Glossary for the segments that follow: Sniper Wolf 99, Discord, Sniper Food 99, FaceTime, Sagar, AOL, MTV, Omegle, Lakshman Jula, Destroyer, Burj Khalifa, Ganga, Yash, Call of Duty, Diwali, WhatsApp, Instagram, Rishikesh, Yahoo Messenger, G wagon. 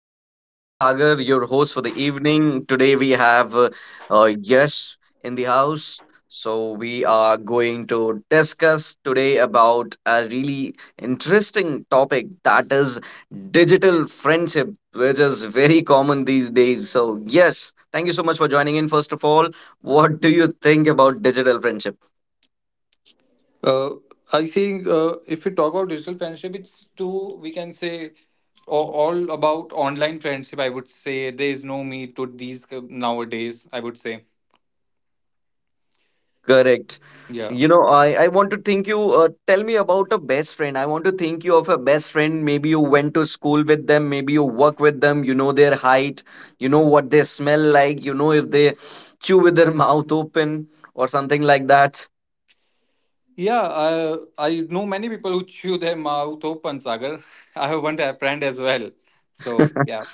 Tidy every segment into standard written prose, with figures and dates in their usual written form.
is Sagar, your host for the evening. Today we have Yash in the house. So, we are going to discuss today about a really interesting topic that is digital friendship, which is very common these days. So, yes, thank you so much for joining in. First of all, what do you think about digital friendship? Uh, I think if we talk about digital friendship, it's too, we can say, all about online friendship. I would say there is no meet to these nowadays. I would say, Correct. yeah. You know, I want to think you tell me about a best friend. I want to think you of a best friend. Maybe you went to school with them, maybe you work with them, you know their height, you know what they smell like, you know if they chew with their mouth open or something like that. Yeah, I know many people who chew their mouth open, Sagar. I have one friend as well. So, yeah.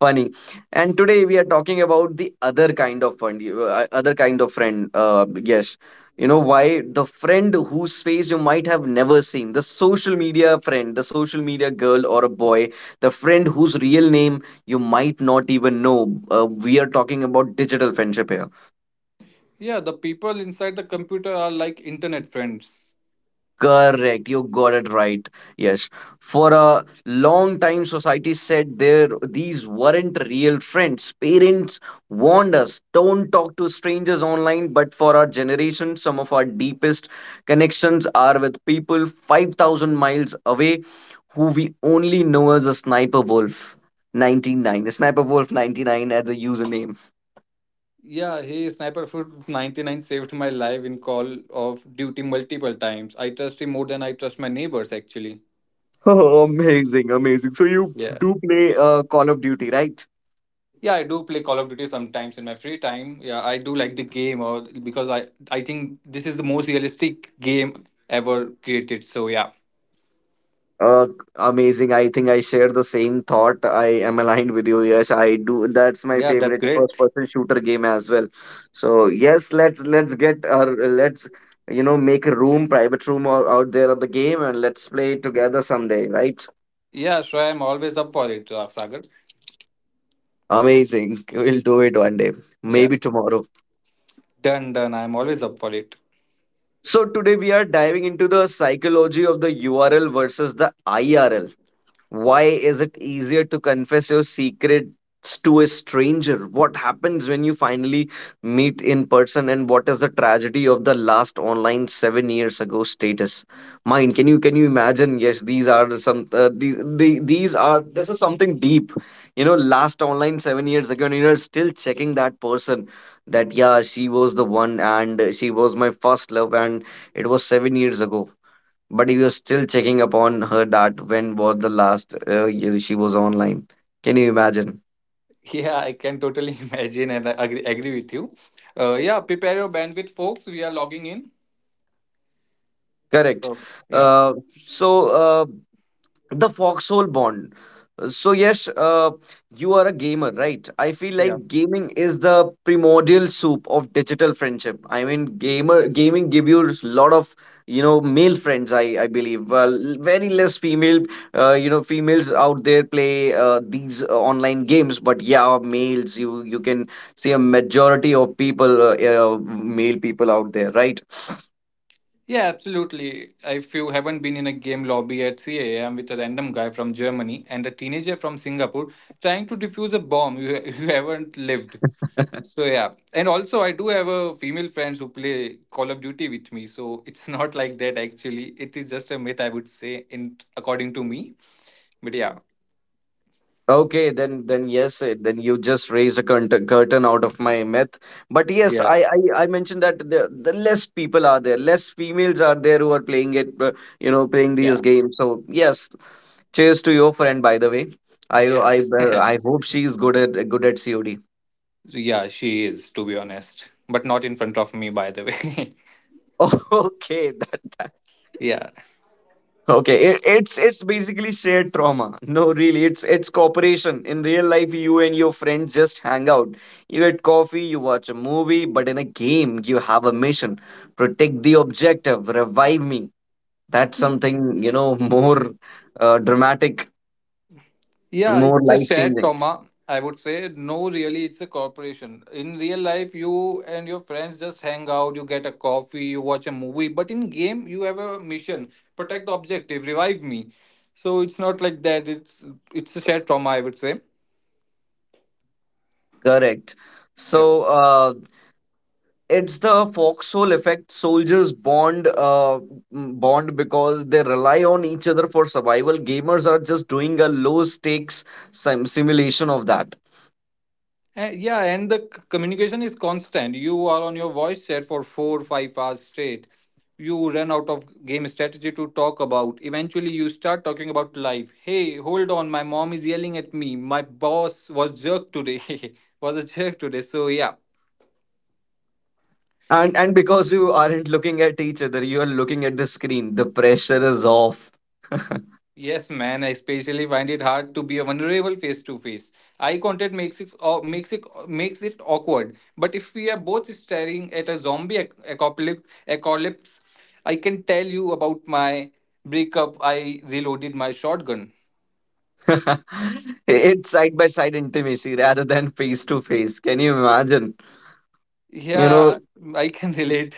Funny. And today we are talking about the other kind of fund, other kind of friend, yes, you know why. The friend whose face you might have never seen, the social media friend, the social media girl or a boy, the friend whose real name you might not even know. We are talking about digital friendship here. Yeah, the people inside the computer are like internet friends. Correct, you got it right. Yes, for a long time, society said there these weren't real friends. Parents warned us, don't talk to strangers online. But for our generation, some of our deepest connections are with people 5,000 miles away who we only know as a Sniper Wolf 99, a Sniper Wolf 99 as a username. Yeah, hey, Sniper Food 99 saved my life in Call of Duty multiple times. I trust him more than I trust my neighbors, actually. Oh, amazing, amazing. So you Yeah. do play Call of Duty, right? Yeah, I do play Call of Duty sometimes in my free time. Yeah, I do like the game or because I think this is the most realistic game ever created. So yeah. Uh, Amazing. I think I share the same thought. I am aligned with you. Yes, I do. That's my Yeah, that's favorite great. first-person shooter game as well. So yes, let's get our, let's, you know, make a room, private room or out there on the game, and let's play it together someday, right? Yeah, sure, I'm always up for it, Sagar. Amazing. We'll do it one day, Yeah. maybe tomorrow. Done, done. I'm always up for it. So today we are diving into the psychology of the URL versus the IRL. Why is it easier to confess your secrets to a stranger? What happens when you finally meet in person, and what is the tragedy of the last online 7 years ago status? Mine, can you imagine? Yes, these are some, these the, these are this is something deep. You know, last online 7 years ago, and you're still checking that person. That yeah, she was the one, and she was my first love, and it was 7 years ago, but he was still checking upon her that when was the last year she was online. Can you imagine? Yeah, I can totally imagine and I agree with you. Yeah, prepare your bandwidth, folks. We are logging in. Correct. So yeah. Uh, so uh, the foxhole bond. So yes, you are a gamer, right? I feel like gaming is the primordial soup of digital friendship. I mean, gamer gaming give you a lot of, you know, male friends. I believe, well, very less female. You know, females out there play these online games, but yeah, males. You can see a majority of people, male people out there, right? Yeah, absolutely. If you haven't been in a game lobby at 3 a.m. with a random guy from Germany and a teenager from Singapore trying to defuse a bomb, you, you haven't lived. So, yeah. And also, I do have a female friends who play Call of Duty with me. So, it's not like that, actually. It is just a myth, I would say, in according to me. But yeah. Okay, then yes, eh, then you just raised a curtain out of my myth. But yes, Yeah. I mentioned that the less people are there, less females are there who are playing it, you know, playing Yeah. these games. So yes, cheers to your friend, by the way. I Yeah. I uh, I hope she's good at COD. Yeah, she is, to be honest. But not in front of me, by the way. Okay, Yeah. okay, it, it's basically shared trauma. No, really, it's cooperation. In real life, you and your friends just hang out. You get coffee, you watch a movie, but in a game, you have a mission. Protect the objective, revive me. That's something, you know, more dramatic, Yeah, more it's a shared life-changing. trauma, I would say. No, really, it's a corporation. In real life, you and your friends just hang out, you get a coffee, you watch a movie, but in game, you have a mission, protect the objective, revive me. So it's not like that. It's a shared trauma, I would say. Correct. Yeah. So, it's the foxhole effect. Soldiers bond, bond because they rely on each other for survival. Gamers are just doing a low stakes simulation of that. Yeah, and the communication is constant. You are on your voice chat for four, five hours straight. You run out of game strategy to talk about. Eventually, you start talking about life. Hey, hold on, my mom is yelling at me. My boss was jerk today. was a jerk today. So yeah, And because you aren't looking at each other, you are looking at the screen. The pressure is off. yes, man, I especially find it hard to be vulnerable face to face. Eye contact makes it makes it makes it awkward. But if we are both staring at a zombie apocalypse, I can tell you about my breakup. I reloaded my shotgun. It's side by side intimacy rather than face to face. Can you imagine? You Yeah, know. I can relate.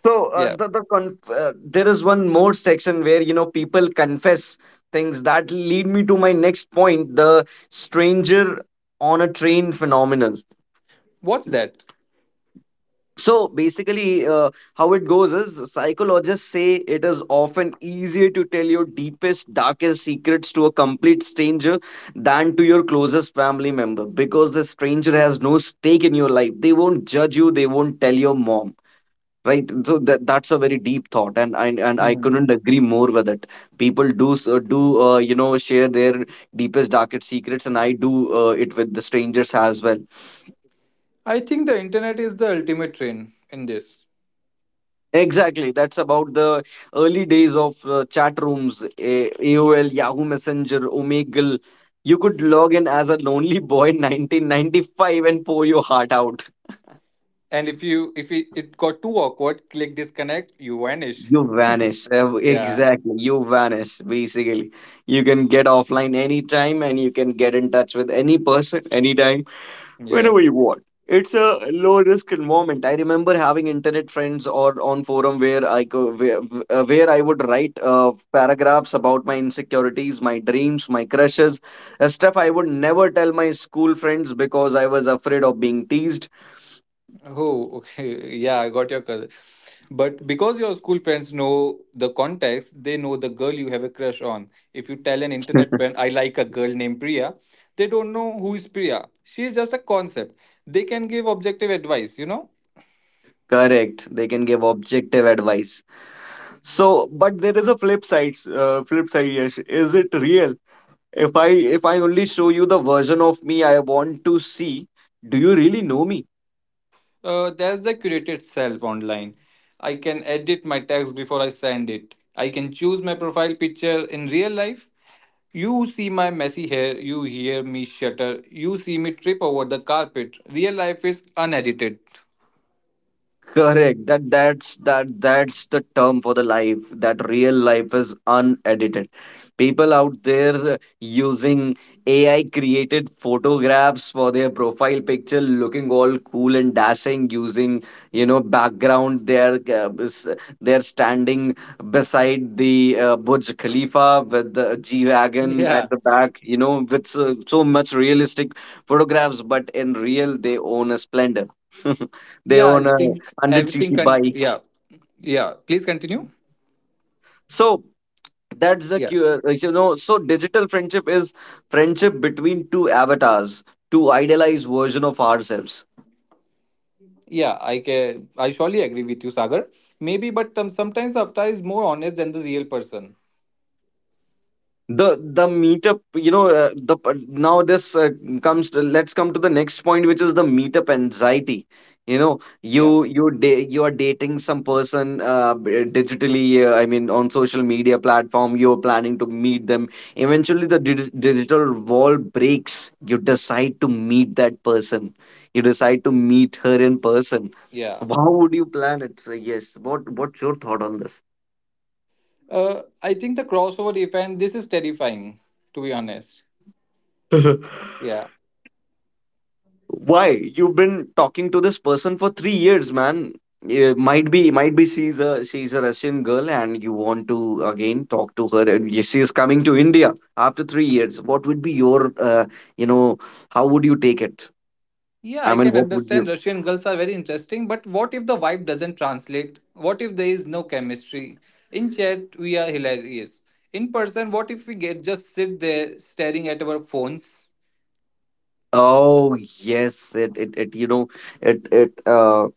So Yeah, there is one more section where, you know, people confess things that lead me to my next point, the stranger on a train phenomenon. what's that? So basically, how it goes is psychologists say it is often easier to tell your deepest, darkest secrets to a complete stranger than to your closest family member because the stranger has no stake in your life. They won't judge you, they won't tell your mom. Right, so that, that's a very deep thought, and and I Hmm. couldn't agree more with it. People do s- do you know, share their deepest darkest secrets, and I do it with the strangers as well. I think the internet is the ultimate train in this. Exactly, that's about the early days of chat rooms. AOL, Yahoo Messenger, Omegle. You could log in as a lonely boy in 1995 and pour your heart out. And if you if it, it got too awkward, click disconnect, you vanish. You vanish. Yeah. Exactly. You vanish, basically. You can get offline anytime and you can get in touch with any person anytime, Yeah. whenever you want. It's a low risk environment. I remember having internet friends or on forum where I go, where I would write paragraphs about my insecurities, my dreams, my crushes, stuff I would never tell my school friends because I was afraid of being teased. Oh, okay. Yeah, I got your cousin. But because your school friends know the context, they know the girl you have a crush on. If you tell an internet friend, I like a girl named Priya, they don't know who is Priya. She is just a concept. They can give objective advice, you know? Correct. They can give objective advice. So, but there is a flip side, Yash. Is it real? If I, if I only show you the version of me I want to see, do you really know me? There's the curated self online. I can edit my text before I send it. I can choose my profile picture in real life. You see my messy hair, you hear me shudder, you see me trip over the carpet. Real life is unedited. Correct. That that's that, that's the term for the life. That real life is unedited. People out there using AI created photographs for their profile picture, looking all cool and dashing, using, you know, background. They're standing beside the Burj Khalifa with the G wagon at Yeah, the back. You know, with so, so much realistic photographs, but in real they own a splendor. They yeah, I own a think everything 100 cc can. bike. Yeah, yeah, please continue. So that's the Yeah, cure, you know. So digital friendship is friendship between two avatars, two idealized version of ourselves. yeah, I can. I surely agree with you, Sagar. Maybe, but sometimes Avatar is more honest than the real person. The meetup you know the now this comes to, let's come to the next point, which is the meetup anxiety. You know, Yeah, you are dating some person digitally, I mean on social media platform. You're planning to meet them eventually. The digital wall breaks, you decide to meet that person, you decide to meet her in person. yeah. How would you plan it? So yes, what's your thought on this? I think the crossover event, this is terrifying, to be honest. Yeah. Why? You've been talking to this person for 3 years, man. Yeah, might be she's a, she's a Russian girl, and you want to again talk to her, and she is coming to India after 3 years. What would be your, you know, how would you take it? Yeah, I I mean, can what would understand you? Russian girls are very interesting, but what if the vibe doesn't translate? What if there is no chemistry? In chat, we are hilarious. In person, what if we get just sit there staring at our phones? Oh yes, it you know it it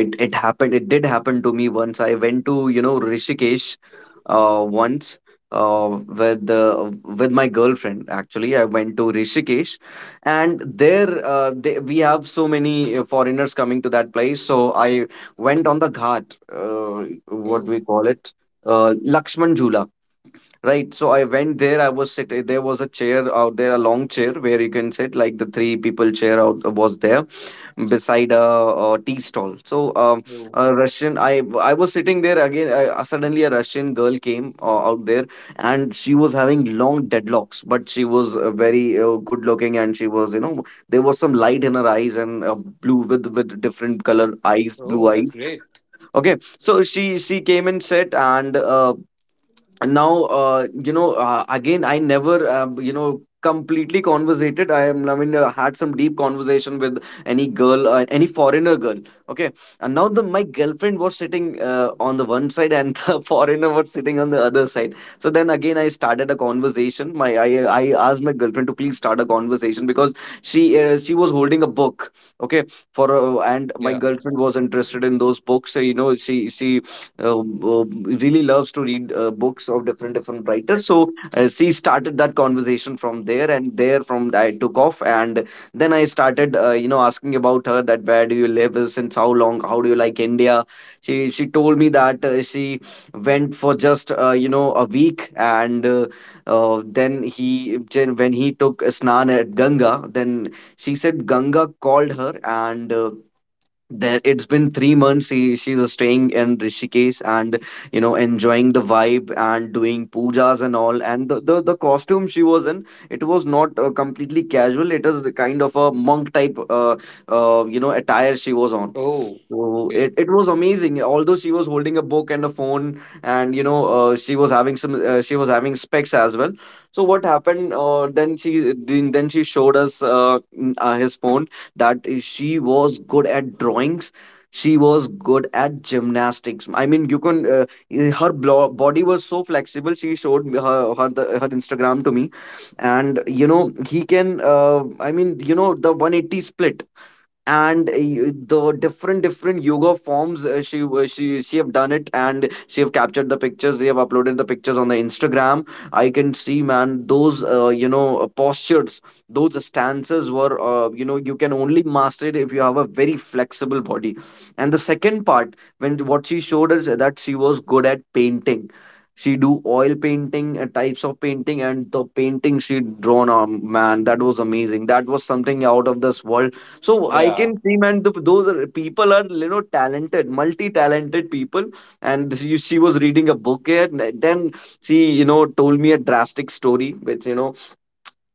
it it happened. It did happen to me once. I went to, you know, Rishikesh once, with my girlfriend. Actually, I went to Rishikesh, and there we have so many foreigners coming to that place. So I went on the ghat, uh, what Oh, we call it, uh, Lakshman jula right? So I went there, I was sitting, there was a chair out there, a long chair where you can sit like the three people chair out was there beside a tea stall. So oh, I was sitting there again. I, suddenly, a Russian girl came out there, and she was having long dreadlocks, but she was very good looking, and she was, you know, there was some light in her eyes and, blue with different color eyes, oh, blue eyes. that's great. Okay, so she came and sat, and now, you know, again I never, you know, completely conversated. I am, I mean, had some deep conversation with any girl, any foreigner girl, okay. And now the my girlfriend was sitting on the one side and the foreigner was sitting on the other side. So then again I started a conversation. My i i asked my girlfriend to please start a conversation because she, she was holding a book, okay, for and my Yeah. girlfriend was interested in those books. So, you know, she uh, uh, really loves to read books of different different writers. So she started that conversation from there, and there from I took off, and then I started, you know, asking about her that where do you live, since how long, how do you like India? She told me that she went for just a week, and then he then when he took a snan at Ganga, then she said Ganga called her and. There it's been 3 months she's staying in Rishikesh and you know enjoying the vibe and doing pujas and all. And the costume she was in, it was not completely casual. It is the kind of a monk type attire she was on. Oh, So okay. It was amazing. Although she was holding a book and a phone, and she was she was having specs as well. So what happened? Then she showed us his phone. That is- she was good at drawings. She was good at gymnastics. I mean, you can. Body was so flexible. She showed me her Instagram to me, and you know, he can. I mean, you know, the 180 split, and the different different yoga forms she have done it, and she have captured the pictures, they have uploaded the pictures on the Instagram. I can see, man, those postures, those stances were, you know, you can only master it if you have a very flexible body. And the second part, when what she showed us, that she was good at painting. She do oil painting, types of painting, and the painting she drawn on, man, that was amazing. That was something out of this world. So I Yeah, can see, man, those are, people are, you know, talented, multi-talented people. And she was reading a book here, and then she, you know, told me a drastic story, which, you know,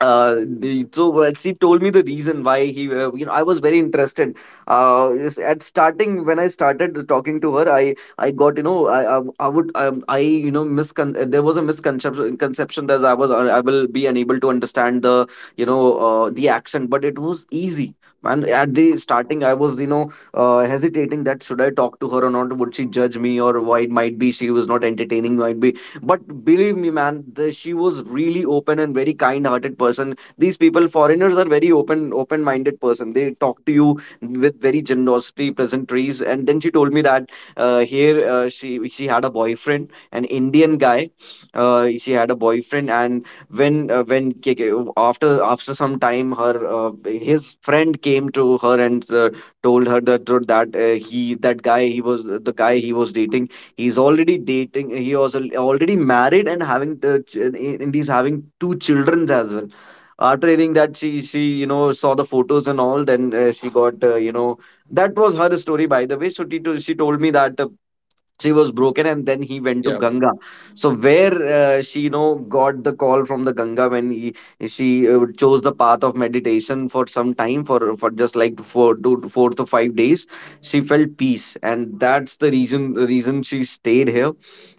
so well, she told me the reason why he you know, I was very interested. Uh, yes, at starting, when I started talking to her, I got, you know, I would, I you know, miscon there was a misconception conception that I will be unable to understand the, you know, the accent, but it was easy, man. At the starting, I was, you know, hesitating that should I talk to her or not. Would she judge me? Or why it might be she was not entertaining, might be. But believe me, man, she was really open and very kind-hearted person. These people, foreigners, are very open, open-minded person. They talk to you with very generosity, pleasantries. And then she told me that, here she had a boyfriend, an Indian guy. She had a boyfriend, and after after some time, her his friend came to her and told her that that he that guy, he was the guy he was dating. He's already dating. He was already married and having, and he's having two children as well. After hearing that, she, you know, saw the photos and all. Then she got, that was her story, by the way. So she told me that she was broken, and then he went to yeah, Ganga. So where, she, you know, got the call from the Ganga, when he, she, chose the path of meditation for some time, for just like 4 to 4 to 5 days she felt peace, and that's the reason she stayed here.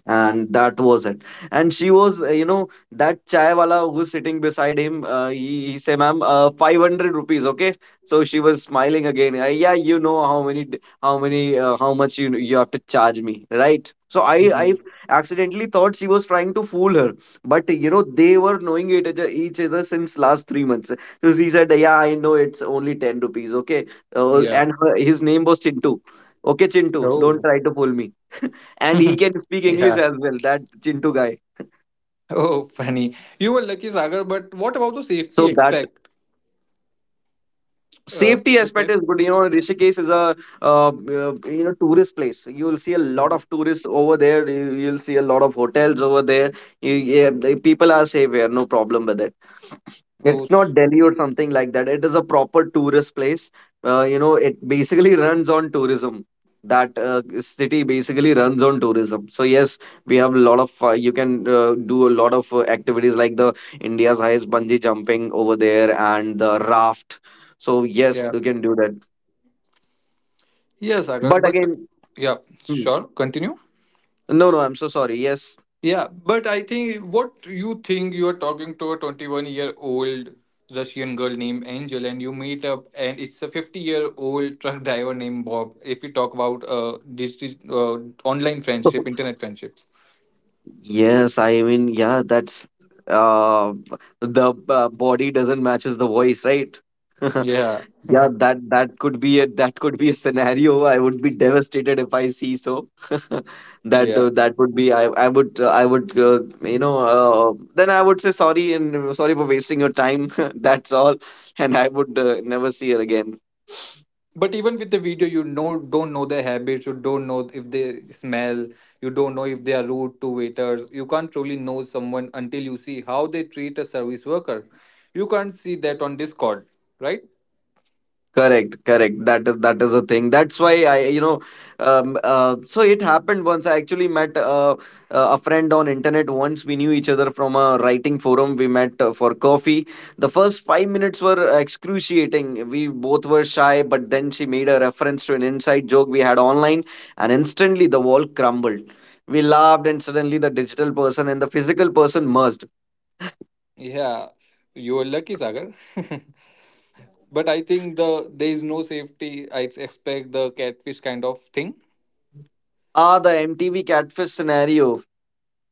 And that was it. And she was, that chai wala who's sitting beside him, he said, ma'am, 500 rupees, okay. So she was smiling again. Yeah, you know, how much you you have to charge me, right? So I mhm. accidentally thought she was trying to fool her. But you know, they were knowing it each other since last 3 months. So she said, yeah, I know it's only 10 rupees, okay. Yeah. And his name was Chintu. Okay, Chintu, don't Oh, try to fool me. And he can speak English yeah. as well, that Chintu guy. Oh, funny. You were lucky, Sagar, but So what about that the safety aspect? safety aspect The is good. cat. You know, Rishikesh is a uh, uh, tourist place. You will see a lot Mhm. of tourists over there. You'll see a lot of hotels over there. Yeah, the people are safe here, no problem with it. Oh, It's not Delhi or something like that. It is a proper tourist place. You know, it basically runs on tourism. That city basically runs on tourism. So yes, we have a lot of. You can do a lot of activities like the India's highest bungee jumping over there and the raft. So yes, yeah. you can do that. Yes, Agar, But but again, yeah, hmm, sure, continue. no, no, I'm so sorry. Yes. Yeah, but I think what you think you're talking to a 21-year-old Russian girl named Angel, and you meet up, and it's a 50-year-old truck driver named Bob. If we talk about this online friendship, internet friendships. Yes, I mean, yeah, that's uh the body doesn't matches the voice, right? Yeah, Yeah, that could be a that could be a scenario. I would be devastated if I see so. That yeah. That would be, I would, I would, then I would say sorry, and sorry for wasting your time. That's all, and I would never see her again. But even with the video, you know, don't know their habits. You don't know if they smell. You don't know if they are rude to waiters. You can't truly know someone until you see how they treat a service worker. You can't see that on Discord, right? Correct, correct. That is a thing. That's why I, you know, so it happened once. I actually met a friend on internet once. We knew each other from a writing forum. We met for coffee. The first 5 minutes were excruciating. We both were shy, but then she made a reference to an inside joke we had online, and instantly the wall crumbled. We laughed, and suddenly the digital person and the physical person merged. Yeah, you are lucky, Sagar. But I think there is no safety. I expect the catfish kind of thing. Ah, the MTV catfish scenario.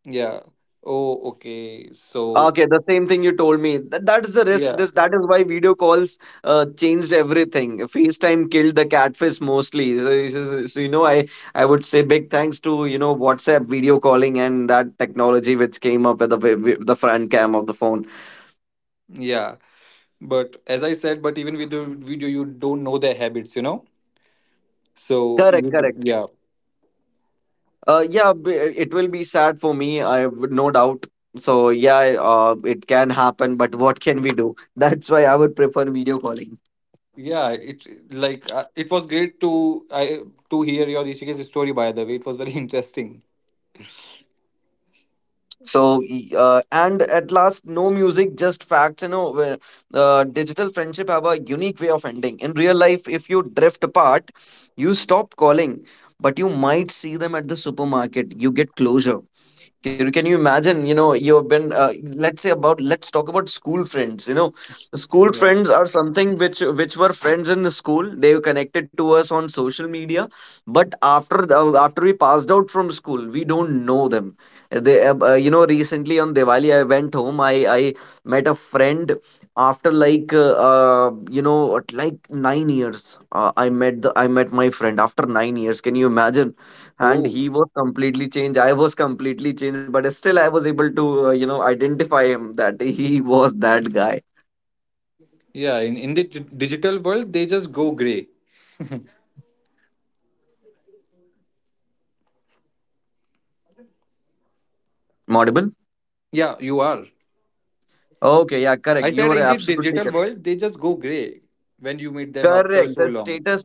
Yeah. Oh, okay. So Okay, the same thing you told me. That is the risk. yeah, This That is why video calls changed everything. FaceTime killed the catfish mostly. So, you know, I would say big thanks to, you know, WhatsApp video calling and that technology which came up with the the front cam of the phone. yeah. But as I said, but even with the video, you don't know their habits. You know. Correct, correct. Yeah, Uh, yeah, b- it will be sad for me, I would, no doubt. So yeah, it can happen. But what can we do? That's why I would prefer video calling. yeah. It like it was great to I to hear your Rishikesh story. By the way, it was very interesting. So and at last, no music, just facts, you know, where digital friendship have a unique way of ending in real life. If you drift apart, you stop calling, but you might see them at the supermarket, you get closure. Can you imagine? You know, you've been, let's say about, let's talk about school friends. You know, school Yeah. friends are something which were friends in the school. They were connected to us on social media, but after we passed out from school, we don't know them. You know, recently on Diwali, I went home. I met a friend after like you know, at like 9 years. I met my friend after 9 years. Can you imagine? And he Oh. was completely changed, I was completely changed, but still I was able to, you know, identify him that he was that guy. Yeah. In the digital world, they just go gray. Am I audible? Yeah, you are. Okay, yeah, I correct, you said were in the absolutely digital correct. world, they just go gray when you meet them after Correct, so long.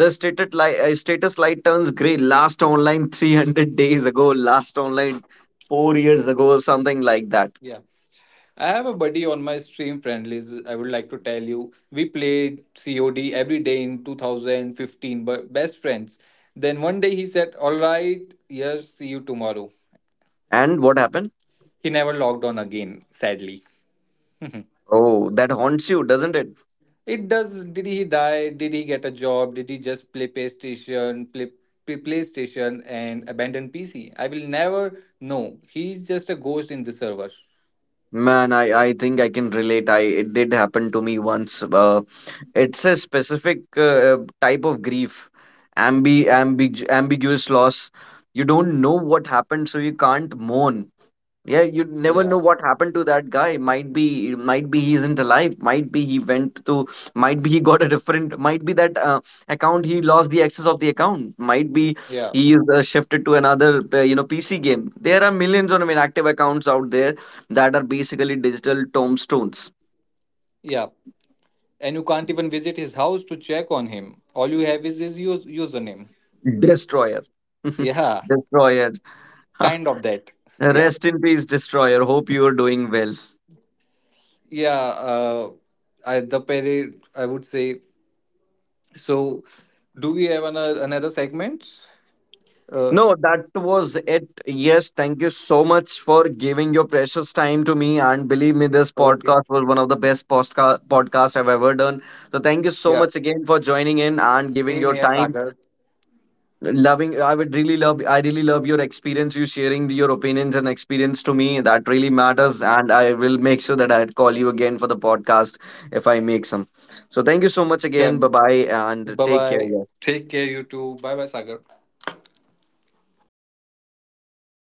the status light, status light turns gray, last online 300 days ago, last online 4 years ago, something like that. Yeah. I have a buddy on my stream friendlies. I would like to tell you, we played COD every day in 2015, but best friends. Then one day he said, "All right, yes, see you tomorrow." And what happened? He never logged on again, sadly. Oh, that haunts you, doesn't it? It does. Did he die? Did he get a job? Did he just play PlayStation? Play PlayStation and abandon PC? I will never know. He's just a ghost in the server. Man, I think I can relate. I It did happen to me once. It's a specific type of grief, ambiguous loss. You don't know what happened, so you can't mourn. Yeah, you never Yeah, know what happened to that guy. Might be he isn't alive. Might be he got a different, might be that account, he lost the access of the account. Might be yeah, he is shifted to another, PC game. There are millions of inactive accounts out there that are basically digital tombstones. yeah. And you can't even visit his house to check on him. All you have is his username. Destroyer, Yeah, destroyer. kind of that. Yeah, Rest in peace, destroyer. Hope you are doing well. yeah. I the peri I would say. So, do we have another segment? Uh, No, that was it. Yes, thank you so much for giving your precious time to me. And believe me, this okay. podcast was one of the best podcasts I've ever done. So thank you so Yeah. much again for joining in and giving Same your here, time. Sagar. Loving, I would really love, I really love your experience, you sharing your opinions and experience to me. That really matters. And I will make sure that I call you again for the podcast if I make some. So thank you so much again. Bye Done. bye and Bye take care. bye. Yeah. Take care, you too. Bye bye, Sagar.